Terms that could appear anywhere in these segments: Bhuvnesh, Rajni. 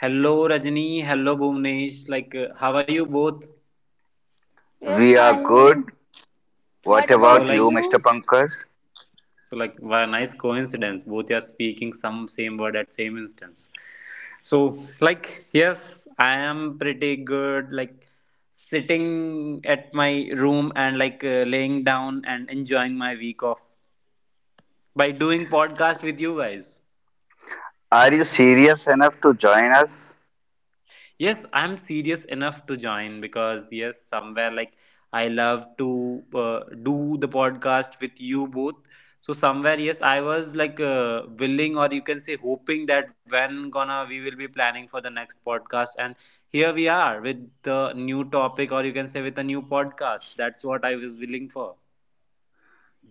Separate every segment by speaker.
Speaker 1: Hello Rajni, hello Bhuvnesh. How are you both?
Speaker 2: We are
Speaker 3: We are good.
Speaker 2: fine.
Speaker 3: What
Speaker 2: What
Speaker 1: So,
Speaker 3: about
Speaker 2: about
Speaker 1: like,
Speaker 3: you, Mr.
Speaker 2: you?
Speaker 3: Pankaj?
Speaker 1: what a nice coincidence. Both are speaking some same word at same instance. So, yes, I am pretty good. Sitting at my room and laying down and enjoying my week off by doing podcast with you guys.
Speaker 3: Are you serious enough to join us?
Speaker 1: Yes, I'm serious enough to join because yes, somewhere like I love to do the podcast with you both. So somewhere yes, I was willing or you can say hoping that when gonna we will be planning for the next podcast and here we are with the new topic or you can say with a new podcast. That's what I was willing for.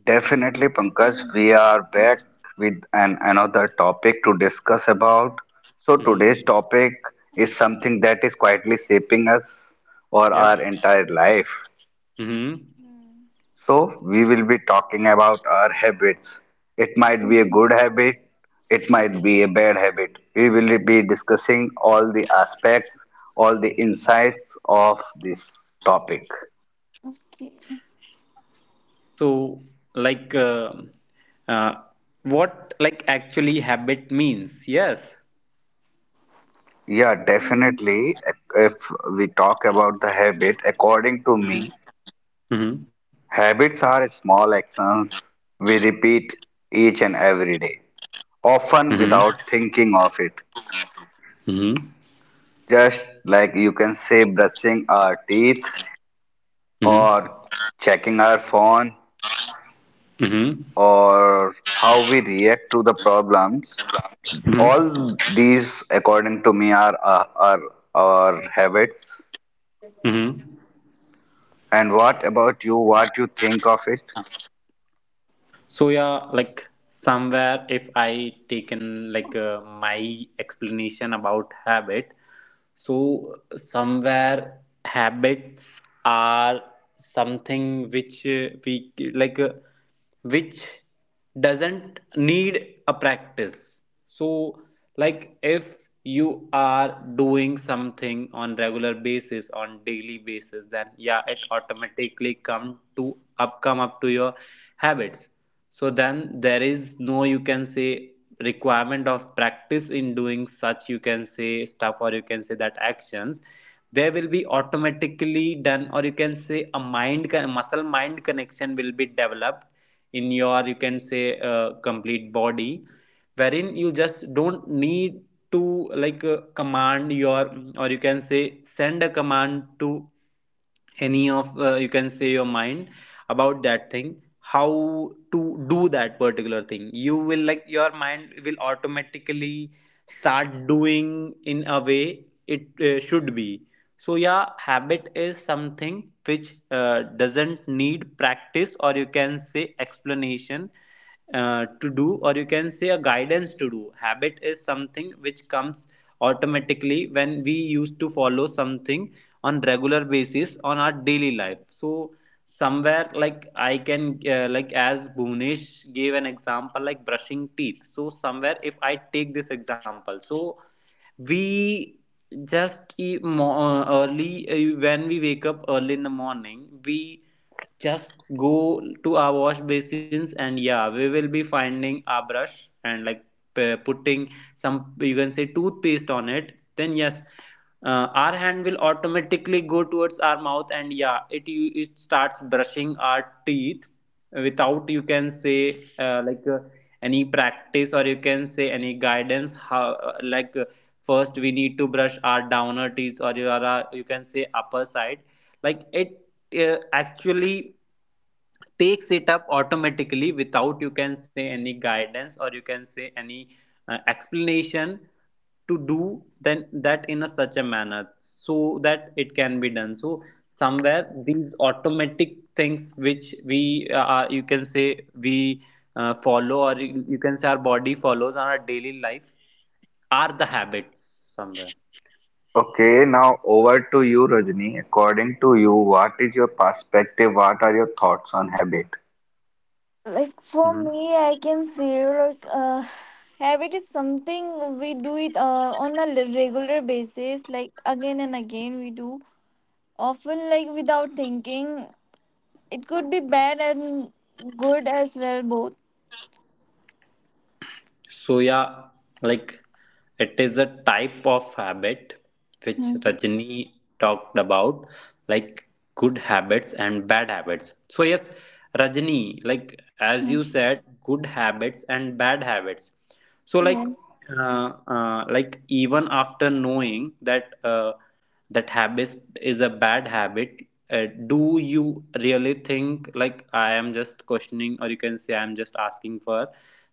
Speaker 3: Definitely, Pankaj,
Speaker 2: Okay.
Speaker 3: we are back with another topic to discuss about. So,
Speaker 1: Mm-hmm.
Speaker 3: today's topic is something that is quietly shaping us or
Speaker 1: Yep.
Speaker 3: our entire life.
Speaker 1: Mm-hmm.
Speaker 2: Mm.
Speaker 3: So, we will be talking about our habits. It might be a
Speaker 2: Okay.
Speaker 3: good habit, it might be a bad habit. We will be discussing all the aspects, all the insights of this topic.
Speaker 2: Okay.
Speaker 1: So, like, uh, uh, what like actually habit means? Yes.
Speaker 3: Yeah,
Speaker 2: Mm.
Speaker 3: definitely. If we talk about the habit, according to me,
Speaker 1: Mhm.
Speaker 3: habits are small actions we repeat each and every day, often
Speaker 1: Mhm.
Speaker 3: without thinking of it.
Speaker 1: Mhm.
Speaker 3: Just like you can say brushing our teeth
Speaker 1: Mhm.
Speaker 3: or checking our phone
Speaker 1: Mhm.
Speaker 3: or how we react to the problems.
Speaker 1: Mhm.
Speaker 3: All these according to me are habits.
Speaker 1: Mhm.
Speaker 3: And what about you, what you think of it?
Speaker 1: So yeah, like somewhere if I taken my explanation about habit, so somewhere habits are something which we which doesn't need a practice. So like if you are doing something on regular basis on daily basis then yeah it automatically come up to your habits, so then there is no you can say requirement of practice in doing such you can say stuff or you can say that actions, they will be automatically done or you can say a muscle mind connection will be developed in your you can say complete body, wherein you just don't need to command your or you can say send a command to any of you can say your mind about that thing how to do that particular thing. You will like your mind will automatically start doing in a way it should be. So yeah, habit is something which doesn't need practice or you can say explanation to do or you can say a guidance to do. Habit is something which comes automatically when we used to follow something on regular basis on our daily life. So somewhere like I can as Bhunesh gave an example like brushing teeth. So somewhere if I take this example, so we just e- mo- early when we wake up early in the morning, we just go to our wash basins and yeah, we will be finding our brush and like putting some you can say toothpaste on it. Then yes, our hand will automatically go towards our mouth and yeah, it starts brushing our teeth without you can say any practice or you can say any guidance how uh, like uh, first we need to brush our downer teeth or your you can say upper side. Like it actually takes it up automatically without you can say any guidance or you can say any explanation to do then that in a such a manner so that it can be done. So somewhere these automatic things which we you can say we follow or you can say our body follows on our daily life are the habits somewhere.
Speaker 3: Okay, now over to you, Rajni. According to you, what is your perspective, what are your thoughts on habit?
Speaker 2: Like for
Speaker 1: Mhm.
Speaker 2: me, I can say habit is something we do it on a regular basis, like again and again we do. Often, like without thinking, it could be bad and good as well, both.
Speaker 1: So yeah, like it is a type of habit which
Speaker 2: Mm-hmm.
Speaker 1: Rajni talked about, like good habits and bad habits. So yes, Rajni, like as you said, good habits and bad habits. So
Speaker 2: Yes.
Speaker 1: like even after knowing that. That habit is a bad habit, do you really think like I am just questioning or you can say I'm just asking for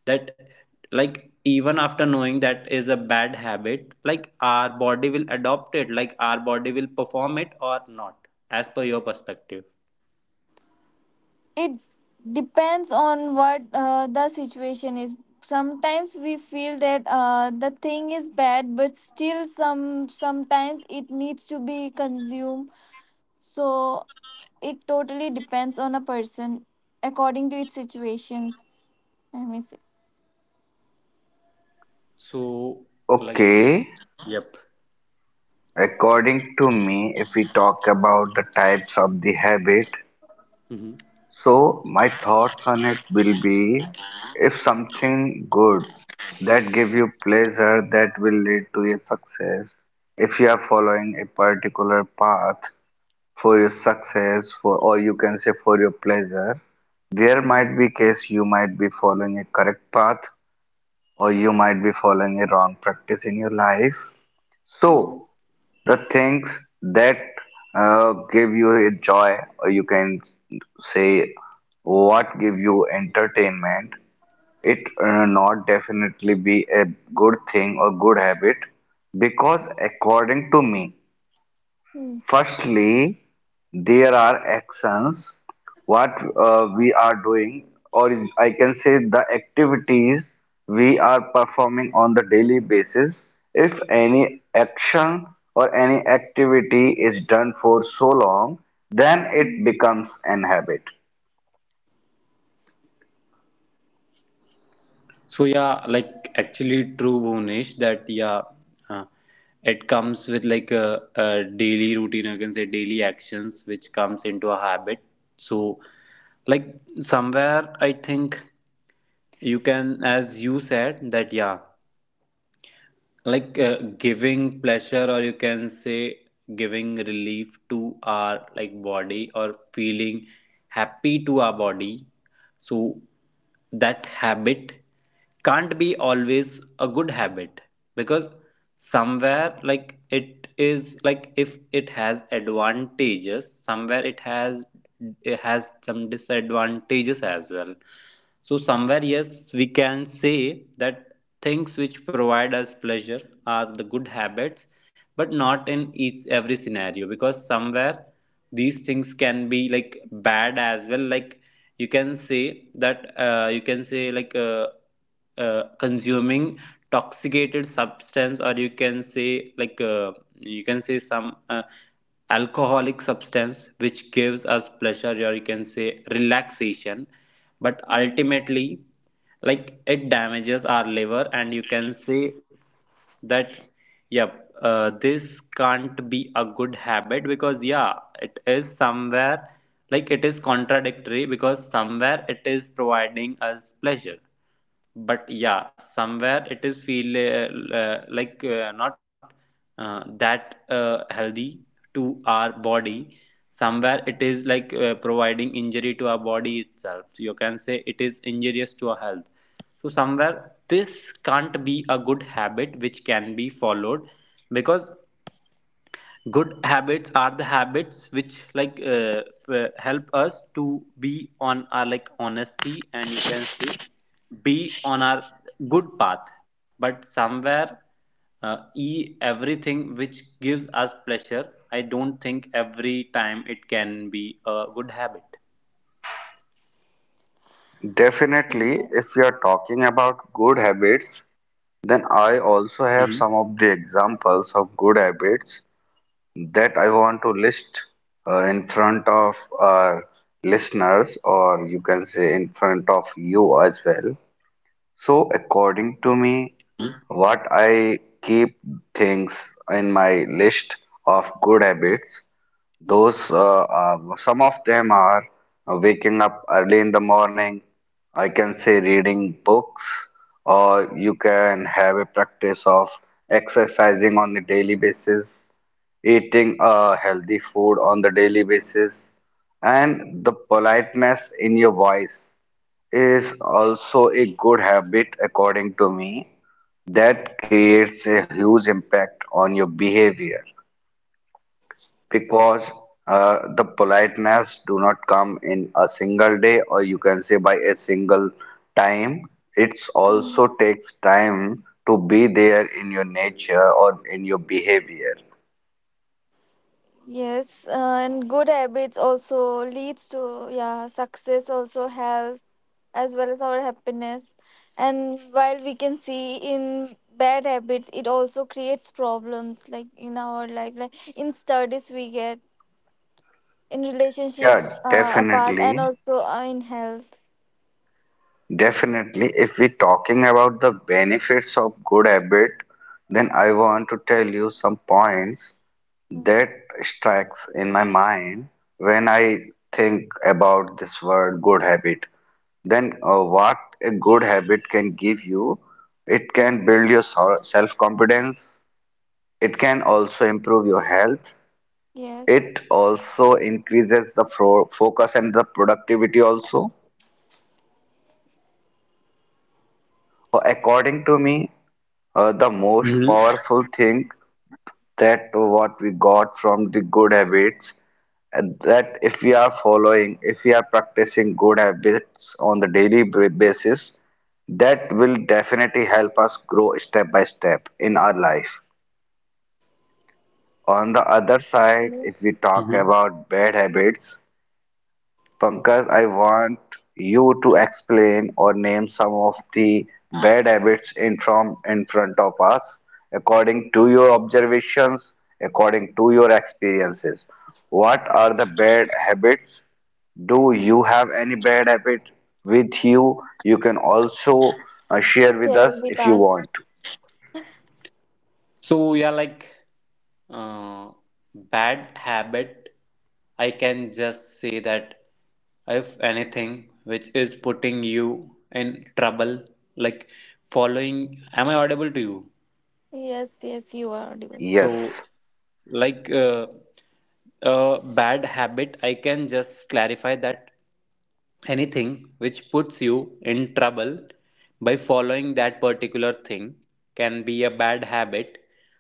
Speaker 1: that, like even after knowing that is a bad habit, like our body will adopt it, like our body will perform it or not as per your perspective?
Speaker 2: It depends on what the situation is. Sometimes we feel that the thing is bad, but still sometimes it needs to be consumed. So it totally depends on a person according to its situations, I may say.
Speaker 1: So like,
Speaker 3: Okay,
Speaker 1: yep.
Speaker 3: according to me, if we talk about the types of the habit,
Speaker 1: Mm-hmm.
Speaker 3: so my thoughts on it will be, if something good that give you pleasure, that will lead to your success. If you are following a particular path for your success, for or you can say for your pleasure, there might be case you might be following a correct path, or you might be following a wrong practice in your life. So
Speaker 2: Yes.
Speaker 3: the things that give you a joy, or you can say what give you entertainment, it not definitely be a good thing or good habit, because according to me,
Speaker 2: Hmm.
Speaker 3: firstly, there are actions, what we are doing, or I can say the activities we are performing on the daily basis. If any action or any activity is done for so long, then it becomes an habit.
Speaker 1: So yeah, like actually true, Bhunesh, that yeah, uh, it comes with like a daily routine. I can say daily actions, which comes into a habit. So, like somewhere, I think you can, as you said, that yeah, giving pleasure or you can say giving relief to our like body or feeling happy to our body, so that habit can't be always a good habit because somewhere like it is like if it has advantages somewhere it has some disadvantages as well. So somewhere yes, we can say that things which provide us pleasure are the good habits, but not in each every scenario because somewhere these things can be like bad as well. Like you can say that you can say consuming toxicated substance or you can say you can say some alcoholic substance which gives us pleasure or you can say relaxation, but
Speaker 2: Hmm.
Speaker 1: ultimately like it damages our liver and you can say that yep, this can't be a good habit because yeah, it is somewhere like it is contradictory because somewhere it is providing us pleasure but yeah somewhere it is feel like not that healthy to our body. Somewhere it is providing injury to our body itself. You can say it is injurious to our health. So somewhere this can't be a good habit which can be followed because good habits are the habits which help us to be on our like honesty and you can say be on our good path. But somewhere e everything which gives us pleasure, I don't think every time it can be a good habit.
Speaker 3: Definitely, if we
Speaker 2: Yes.
Speaker 3: are talking about good habits, then I also have
Speaker 1: Hmm.
Speaker 3: some of the examples of good habits that I want to list in front of our listeners, or you can say in front of you as well. So, according to me, what I keep things in my list of good habits, those some of them are waking up early in the morning. I can say reading books, or you can have a practice of exercising on a daily basis, eating a healthy food on the daily basis, and the politeness in your voice is also a good habit according to me, that creates a huge impact on your behavior. Because the politeness do not come in a single day, or you can say by a single time. It's
Speaker 2: Hmm.
Speaker 3: also takes time to be there in your nature or in your behavior.
Speaker 2: Yes, and good habits also leads to, yeah, success, also health, as well as our happiness. And while we can see in bad habits, it also creates problems like in our life, like in studies we get, in
Speaker 3: Yeah,
Speaker 2: relationships apart, and
Speaker 3: definitely.
Speaker 2: also in health.
Speaker 3: Definitely, if we're talking about the benefits of good habit, then I want to tell you some points
Speaker 2: Mm,
Speaker 3: that strikes in my mind when I think about this word good habit. Then, what a good habit can give you, it can
Speaker 2: mm.
Speaker 3: build your self-confidence, it can also improve your health,
Speaker 2: Yes.
Speaker 3: it also increases the fro focus and the productivity also. So according to me, the most
Speaker 1: Hmm.
Speaker 3: powerful thing that what we got from the good habits, and that if we are following, if we are practicing good habits on the daily basis, that will definitely help us grow step by step in our life. On the other side,
Speaker 2: Mm,
Speaker 3: if we talk
Speaker 1: Hmm.
Speaker 3: about bad habits, Pankaj, I want you to explain or name some of the bad habits in front of us, according to your observations, according to your experiences. What are the bad habits? Do you
Speaker 2: mm.
Speaker 3: have any bad habit with you? You can also share with us
Speaker 2: Share with
Speaker 3: if you
Speaker 2: us.
Speaker 3: want to.
Speaker 1: So yeah, uh, bad habit, I can just say that if anything which is putting you in trouble, like following, am I audible to you?
Speaker 2: Yes, yes, you are audible.
Speaker 3: Yes.
Speaker 1: So, like uh, a bad habit, I can just clarify that anything which puts you in trouble by following that particular thing can be a bad habit.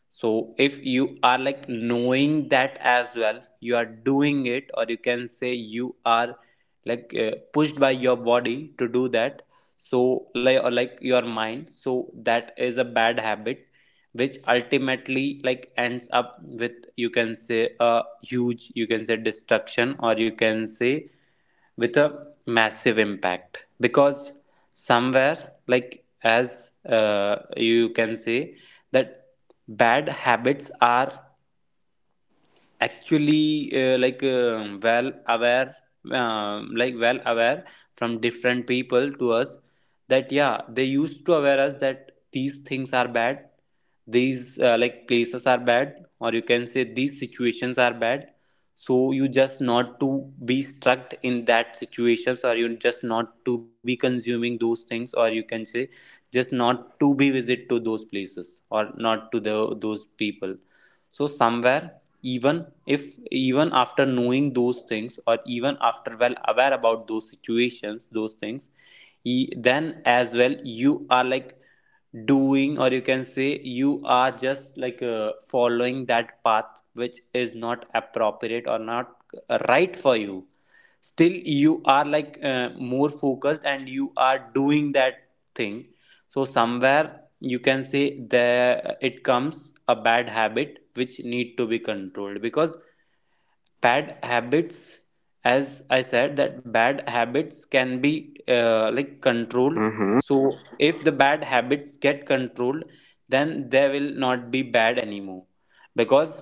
Speaker 1: So, if you are like knowing that as well, you are doing it, or you can say you are pushed by your body to do that. So, like, or like your mind, so that is a bad habit which ultimately like ends up with you can say a huge you can say destruction or you can say with a massive impact because somewhere like as you can say that bad habits are actually well aware, well aware from different people to us, that yeah they used to aware us that these things are bad, these like places are bad or you can say these situations are bad. So you just not to be stuck in that situations or you just not to be consuming those things or you can say just not to be visit to those places or not to the those people. So somewhere even if even after knowing those things or even after well aware about those situations those things, then as well you are like doing or you can say you are just following that path which is not appropriate or not right for you. Still you are more focused and you are doing that thing. So somewhere you can say there it comes a bad habit which need to be controlled because bad habits, as I said that bad habits can be controlled.
Speaker 3: Mm-hmm.
Speaker 1: So if the bad habits get controlled then they will not be bad anymore because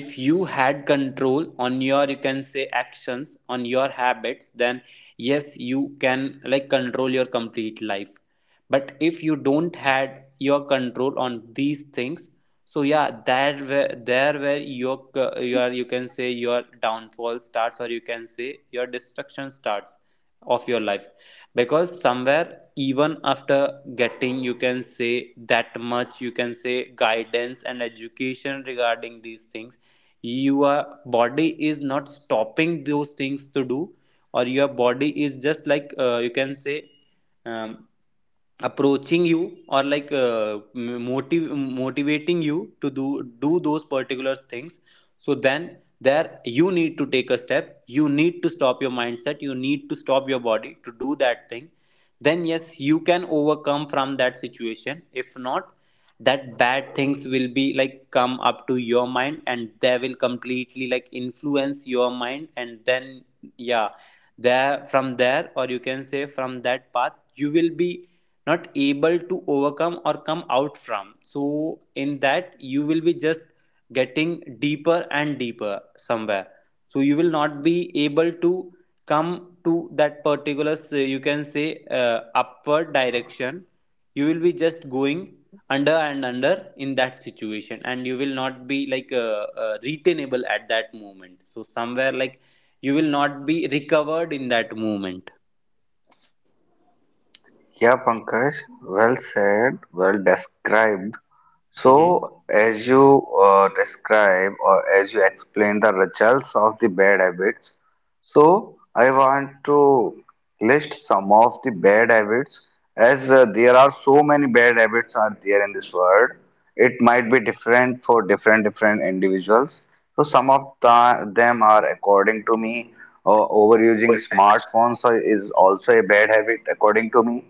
Speaker 1: if you had control on your you can say actions on your habits, then yes you can like control your complete life. But if you don't had your control on these things, so yeah, that where there where your your you can say your downfall starts or you can say your destruction starts of your life. Because somewhere even after getting you can say that much you can say guidance and education regarding these things, your body is not stopping those things to do or your body is just you can say um, approaching you or motiv- motivating you to do those particular things. So then there you need to take a step, you need to stop your mindset, you need to stop your body to do that thing. Then yes, you can overcome from that situation. If not, that bad things will be like come up to your mind and they will completely like influence your mind and then yeah, there from there or you can say from that path, you will be not able to overcome or come out from. So in that you will be just getting deeper and deeper somewhere, so you will not be able to come to that particular you can say upward direction. You will be just going under and under in that situation and you will not be retainable at that moment. So somewhere like you will not be recovered in that moment.
Speaker 3: Yeah, Pankaj, well said, well described.
Speaker 1: Mm-hmm.
Speaker 3: So, as you describe or as you explain the results of the bad habits, so I want to list some of the bad habits, as there are so many bad habits are there in this world. It might be different for different different individuals. So some of the, them are according to me, overusing smartphones is also a bad habit according to me,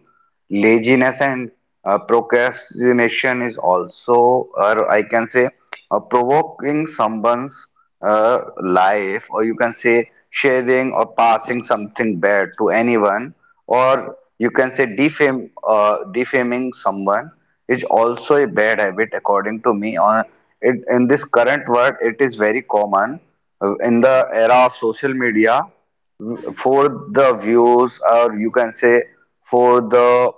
Speaker 3: laziness and procrastination is also, or I can say, provoking someone's life, or you can say sharing or passing something bad to anyone, or you can say defaming someone is also a bad habit according to me. On it in this current world, it is very common in the era of social media for the views, or you can say for the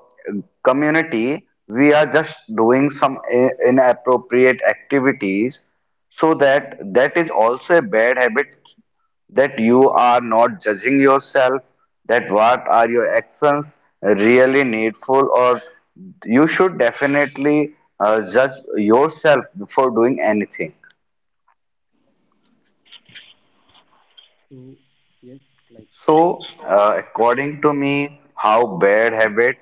Speaker 3: community, we are just doing some inappropriate activities, so
Speaker 2: Mm,
Speaker 3: that that is also a bad habit, that you are not judging yourself, that what are your actions really needful, or you should definitely judge yourself before doing anything.
Speaker 1: So yes, like
Speaker 3: So, according to me, how bad habit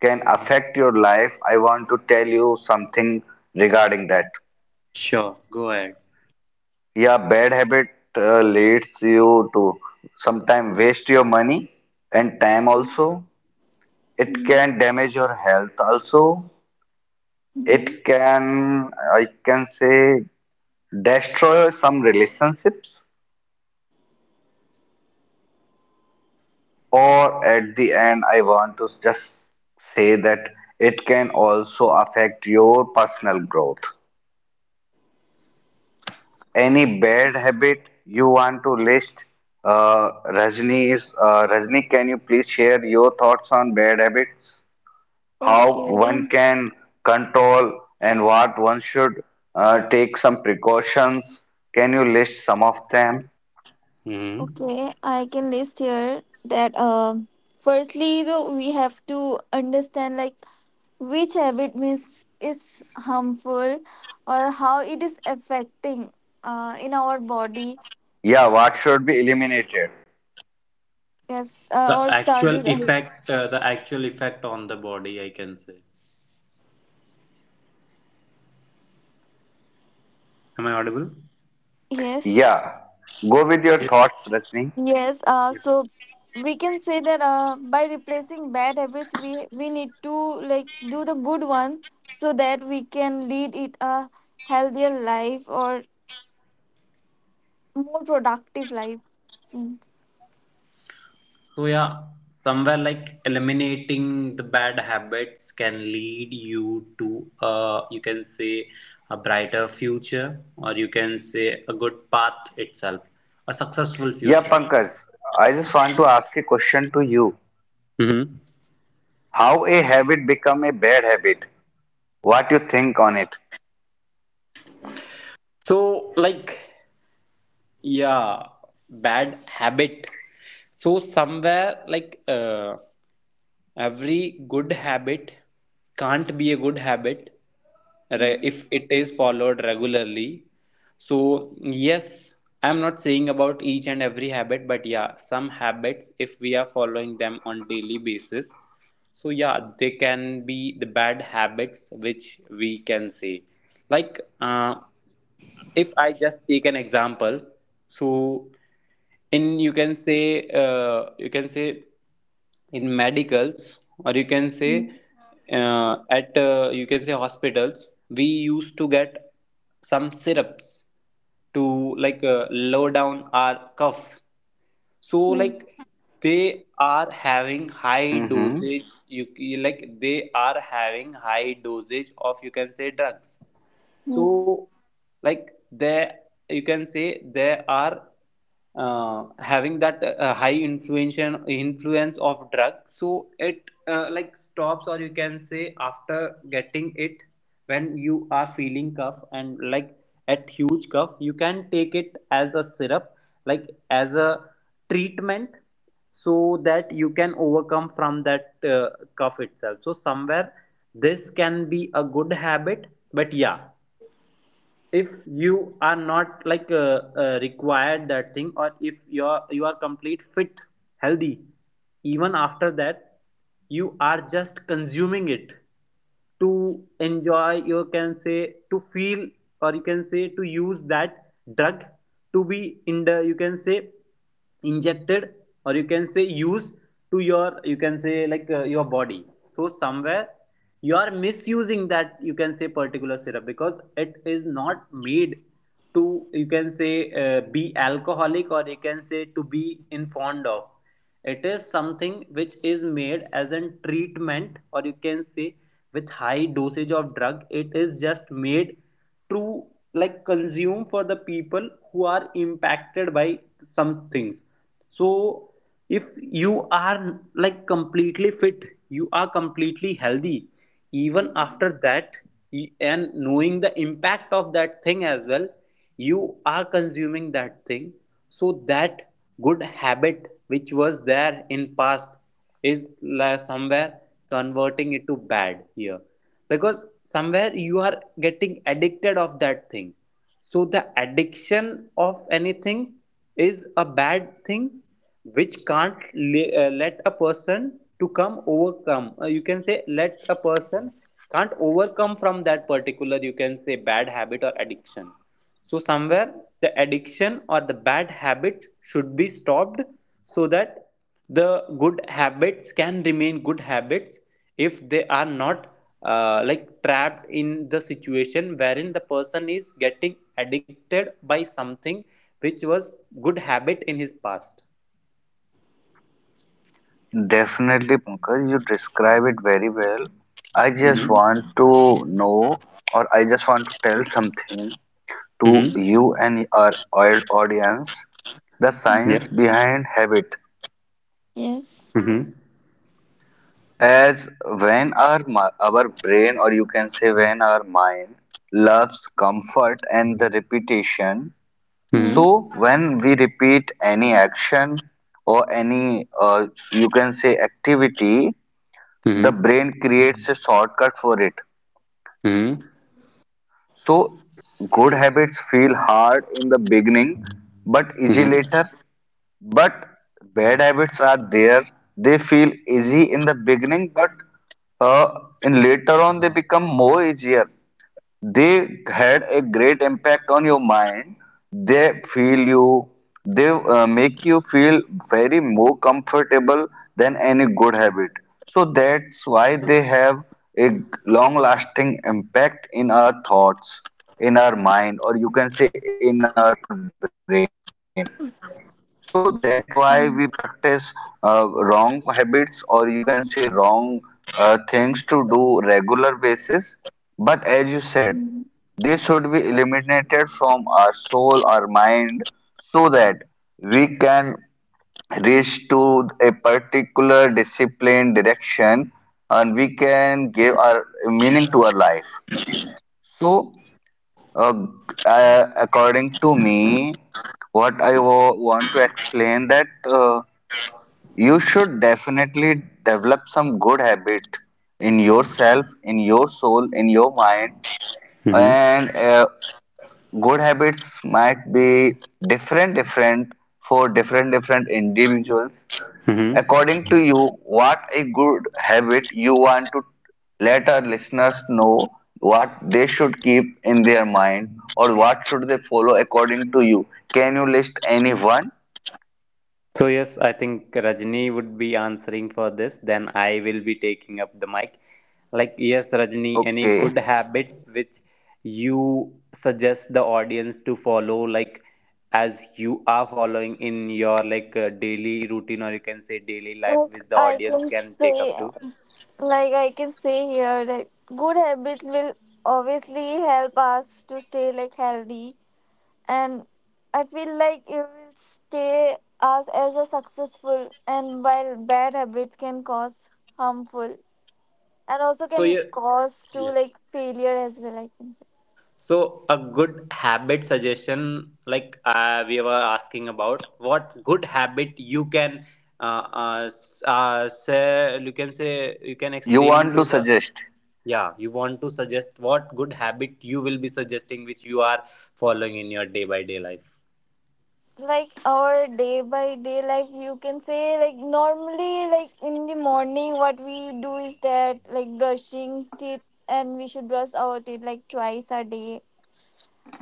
Speaker 3: can
Speaker 1: mm-hmm.
Speaker 3: affect your life, I want to tell you something regarding that.
Speaker 1: Sure, go ahead.
Speaker 3: Yeah, bad habit leads you to sometimes waste your money and time also. It
Speaker 2: mm,
Speaker 3: can damage your health also.
Speaker 2: mm.
Speaker 3: It can, I can say, destroy some relationships. Or at the end, I want to just say that it can also affect your personal growth. Any bad habit you want to list? Rajni, can you please share your thoughts on bad habits? How
Speaker 2: Okay.
Speaker 3: one can control and what one should take some precautions? Can you list some of them?
Speaker 1: Hmm.
Speaker 2: Okay, I can list here that firstly though we have to understand like which habit means is harmful or how it is affecting in our body.
Speaker 3: Yeah,
Speaker 2: S-
Speaker 3: what should be eliminated?
Speaker 2: yes, or studies. Uh,
Speaker 1: The actual effect on the body, I can say. Am I audible?
Speaker 2: yes,
Speaker 3: Yeah, go with your thoughts, Rajni.
Speaker 2: yes. So we can say that by replacing bad habits, we need to like do the good one so that we can lead it a healthier life or more productive life. Mm.
Speaker 1: So yeah, somewhere like eliminating the bad habits can lead you to you can say a brighter future, or you can say a good path itself, a successful
Speaker 3: Yeah,
Speaker 1: future.
Speaker 3: Pankaj, I just want to ask a question to you.
Speaker 1: Hmm.
Speaker 3: How a habit become a bad habit? What you think on it?
Speaker 1: So like. Yeah, bad habit, so somewhere like every good habit can't be a good habit
Speaker 2: Mm.
Speaker 1: if it is followed regularly. So yes, I'm not saying about each and every habit, but yeah, some habits, if we are following them on daily basis, so yeah, they can be the bad habits which we can say, like if I just take an example. So in, you can say, you can say in medicals, or you can say at you can say hospitals, we used to get some syrups to like low down our cough. So
Speaker 2: Mm.
Speaker 1: like, they are having high
Speaker 3: Hmm.
Speaker 1: dosage, like they are having high dosage of, you can say, drugs. So
Speaker 2: Mm.
Speaker 1: like, there, you can say, there are having that high influence, influence of drug, so it like stops, or you can say, after getting it, when you are feeling cough and like at huge cough, you can take it as a syrup, like as a treatment, so that you can overcome from that cough itself. So somewhere this can be a good habit. But yeah, if you are not like required that thing, or if you are complete fit, healthy, even after that you are just consuming it to enjoy, you can say to feel, or you can say to use that drug to be in the, you can say, injected, or you can say used to your, you can say, like your body. So somewhere you are misusing that, you can say, particular syrup, because it is not made to, you can say, be alcoholic, or you can say to be in fond of. It is something which is made as a treatment, or you can say, with high dosage of drug, it is just made to like consume for the people who are impacted by some things. So if you are like completely fit, you are completely healthy, even after that, and knowing the impact of that thing as well, you are consuming that thing, so that good habit which was there in past is like somewhere converting it to bad here, because somewhere you are getting addicted of that thing. So the addiction of anything is a bad thing, which can't le- let a person to come overcome, you can say, let a person can't overcome from that particular, you can say, bad habit or addiction. So somewhere the addiction or the bad habit should be stopped, so that the good habits can remain good habits if they are not like trapped in the situation wherein the person is getting addicted by something which was good habit in his past.
Speaker 3: Definitely, Pankaj, you describe it very well. I just
Speaker 1: Mhm.
Speaker 2: Mm.
Speaker 3: want to know, or I just want to tell something to
Speaker 2: Mm.
Speaker 1: Mm-hmm.
Speaker 3: you
Speaker 2: Yes.
Speaker 3: and our audience. The
Speaker 1: Yeah.
Speaker 2: Mm.
Speaker 3: science behind habit,
Speaker 2: Yes.
Speaker 1: Mm-hmm.
Speaker 3: as when our brain, or you can say when our mind loves comfort and the repetition. So
Speaker 2: Mm.
Speaker 1: Mm-hmm.
Speaker 3: when we repeat any action or any, you can say activity, the
Speaker 1: Mm-hmm.
Speaker 3: brain creates a shortcut for it.
Speaker 1: Mm-hmm.
Speaker 3: So good habits feel hard in the beginning, but easy
Speaker 1: Mm-hmm.
Speaker 3: later. But bad habits are there. They feel easy in the beginning, but uh, in later on they become more easier. They had a great impact on your mind, they feel you, they make you feel very more comfortable than any good habit. So that's why they have a long lasting impact in our thoughts, in our mind, or you can say in our brain. So that why we practice wrong
Speaker 2: Mm.
Speaker 3: habits, or you can say wrong things to do regular basis. But as you said, they should be
Speaker 2: Mm.
Speaker 3: eliminated from our soul, our mind, so that we can reach to a particular discipline direction, and we can give our meaning to our life. So uh, according to me, what I want to explain that you should definitely develop some good habit in yourself, in your soul, in your mind,
Speaker 1: Mm-hmm.
Speaker 3: and good habits might be different, different for different, different individuals.
Speaker 1: Mm-hmm.
Speaker 3: According to you, what a good habit you want to let our listeners know, what they should keep in their mind, or what should they follow according to you? Can you list any one?
Speaker 1: So yes, I think Rajni would be answering for this. Then I will be taking up the mic. Like yes, Rajni, any good
Speaker 3: Okay.
Speaker 1: habit which you suggest the audience to follow, like as you are following in your like daily routine, or you can say daily life,
Speaker 2: Like
Speaker 1: which the
Speaker 2: I
Speaker 1: audience
Speaker 2: can
Speaker 1: can take up
Speaker 2: say,
Speaker 1: to.
Speaker 2: like I can say here that good habit will obviously help us to stay like healthy, and I feel like it will stay us as a successful. And while bad habits can cause harmful and also can cause to like failure as well, I can say.
Speaker 1: So a good habit suggestion, like we were asking about, what good habit you can say, you can say, you can
Speaker 3: You
Speaker 1: explain
Speaker 3: want
Speaker 1: to
Speaker 3: to
Speaker 1: the,
Speaker 3: suggest?
Speaker 1: yeah, you want to suggest what good habit you will be suggesting, which you are following in your day by day life.
Speaker 2: Like our day by day life, you can say, like normally, like in the morning, what we do is that like brushing teeth, and we should brush our teeth like twice a day,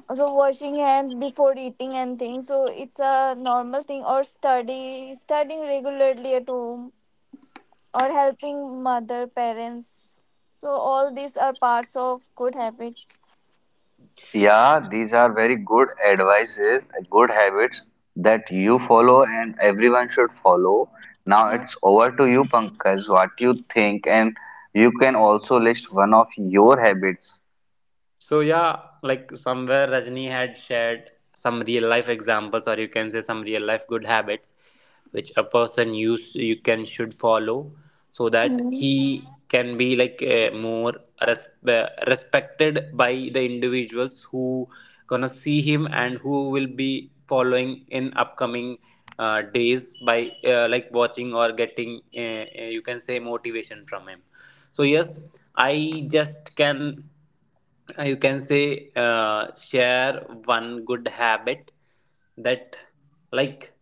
Speaker 2: also washing hands before eating and things, so it's a normal thing, or studying regularly at home or helping mother, parents, so all these are parts of good habits.
Speaker 3: Yeah, these are very good advices, good habits that you follow and everyone should follow. Now it's
Speaker 2: Yes.
Speaker 3: over to you, Pankaj, what you think, and you can also list one of your habits.
Speaker 1: So yeah, like somewhere Rajni had shared some real life examples, or you can say some real life good habits, which a person use you can should follow, so that
Speaker 2: Hmm.
Speaker 1: he can be like more respected by the individuals who gonna see him and who will be following in upcoming days by like watching or getting you can say motivation from him. So yes, I just can, you can say, share one good habit that, like,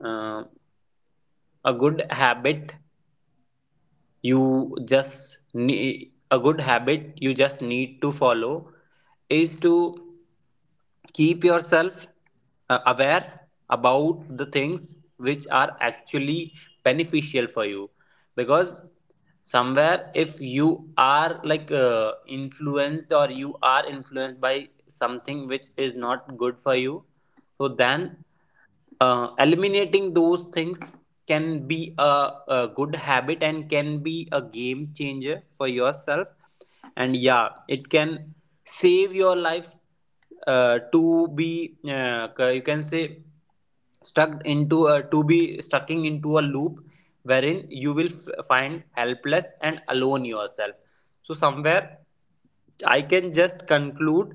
Speaker 1: uh, a good habit, you just need to follow, is to keep yourself aware about the things which are actually beneficial for you, because somewhere if you are like influenced, or you are influenced by something which is not good for you, so then eliminating those things can be a good habit and can be a game changer for yourself. And yeah, it can save your life, to be, you can say, to be stucking into a loop wherein you will find helpless and alone yourself. So somewhere I can just conclude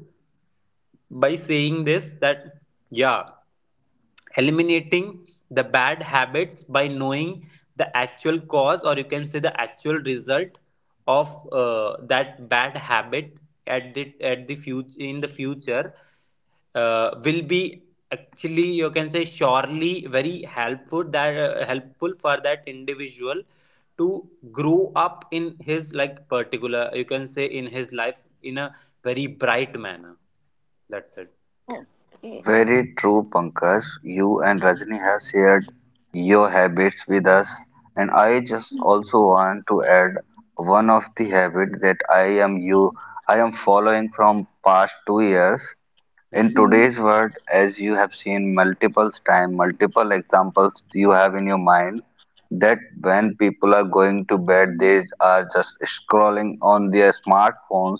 Speaker 1: by saying this that, yeah, eliminating the bad habits by knowing the actual cause, or you can say the actual result, of that bad habit at the future in the future will be actually, you can say, surely very helpful, that helpful for that individual to grow up in his like particular, you can say, in his life in a very bright manner. That's it.
Speaker 2: Okay.
Speaker 3: Very true, Pankaj. You and Rajni
Speaker 1: Hmm.
Speaker 3: have shared your habits with us, and I just
Speaker 2: Mm.
Speaker 3: also want to add one of the habit that I am following from past 2 years. In
Speaker 1: Hmm.
Speaker 3: today's world, as you have seen multiple time, multiple examples you have in your mind, that when people are going to bed, they are just scrolling on their smartphones,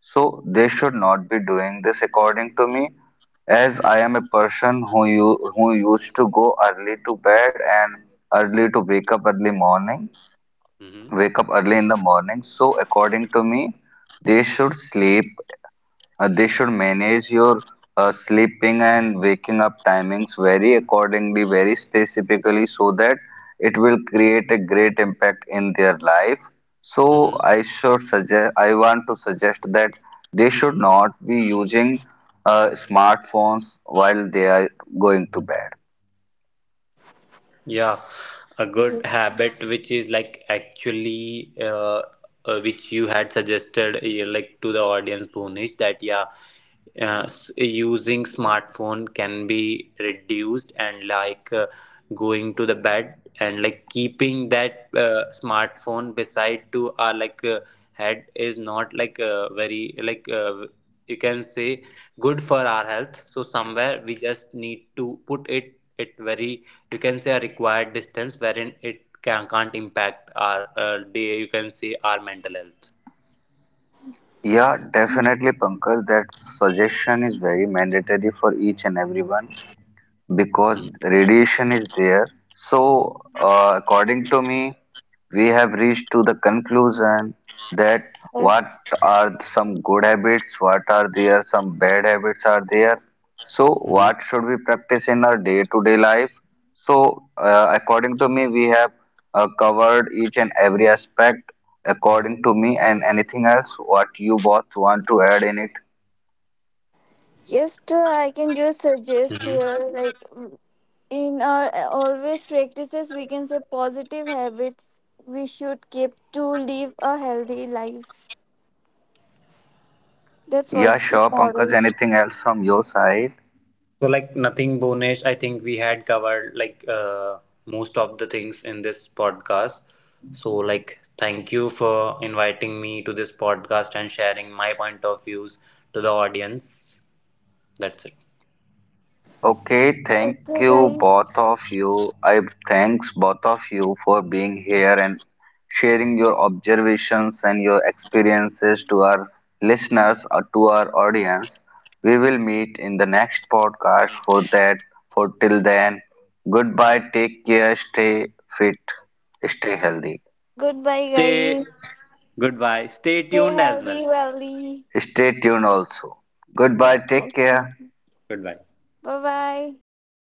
Speaker 3: so they should not be doing this according to me, as I
Speaker 1: Hmm.
Speaker 3: am a person who you who used to go early to bed and early to wake up early morning,
Speaker 1: Hmm.
Speaker 3: wake up early in the morning. So according to me, they should sleep, they should manage your sleeping and waking up timings very accordingly, very specifically, so that it will create a great impact in their life. So
Speaker 1: Hmm.
Speaker 3: I should suggest, I want to suggest that they should not be using smartphones while they are going to bed.
Speaker 1: Yeah, a good habit which is like actually which you had suggested like to the audience, Bhunesh, that yeah, uh, using smartphone can be reduced, and like going to the bed and like keeping that smartphone beside to our like head is not like very like, you can say, good for our health. So somewhere we just need to put it very, you can say, a required distance wherein it can't impact our day, you can say, our mental health.
Speaker 3: Yeah,
Speaker 2: Yes,
Speaker 3: definitely, Pankaj, that suggestion is very mandatory for each and everyone because radiation is there. So, according to me, we have reached to the conclusion that what
Speaker 2: yes.
Speaker 3: are some good habits, what are there, some bad habits are there. So,
Speaker 1: Mhm.
Speaker 3: what should we practice in our day-to-day life? So, according to me, we have covered each and every aspect according to me, and anything else what you both want to add in it?
Speaker 2: Yes, too, I can just suggest
Speaker 1: Mhm. Mhm.
Speaker 2: here, like, mm, in our always practices, we can say positive habits we should keep to live a healthy life. That's what
Speaker 3: Yeah,
Speaker 2: the
Speaker 3: sure, Pankaj,
Speaker 2: morals.
Speaker 3: anything else from your side?
Speaker 1: So like nothing, Bonish. I think we had covered like most of the things in this podcast. So like, thank you for inviting me to this podcast and sharing my point of views to the audience. That's it.
Speaker 3: Okay, thank
Speaker 2: Okay,
Speaker 3: you
Speaker 2: guys.
Speaker 3: both of you. I Thanks both of you for being here and sharing your observations and your experiences to our listeners or to our audience. We will meet in the next podcast for that. For till then, goodbye, take care, stay fit, stay healthy.
Speaker 2: Goodbye,
Speaker 1: Stay,
Speaker 2: guys.
Speaker 1: goodbye. Stay
Speaker 2: Stay
Speaker 1: tuned as well.
Speaker 2: healthy, wealthy.
Speaker 3: Stay tuned also. Goodbye,
Speaker 1: Yeah.
Speaker 3: take
Speaker 2: Okay.
Speaker 3: care.
Speaker 1: Goodbye.
Speaker 2: Bye bye.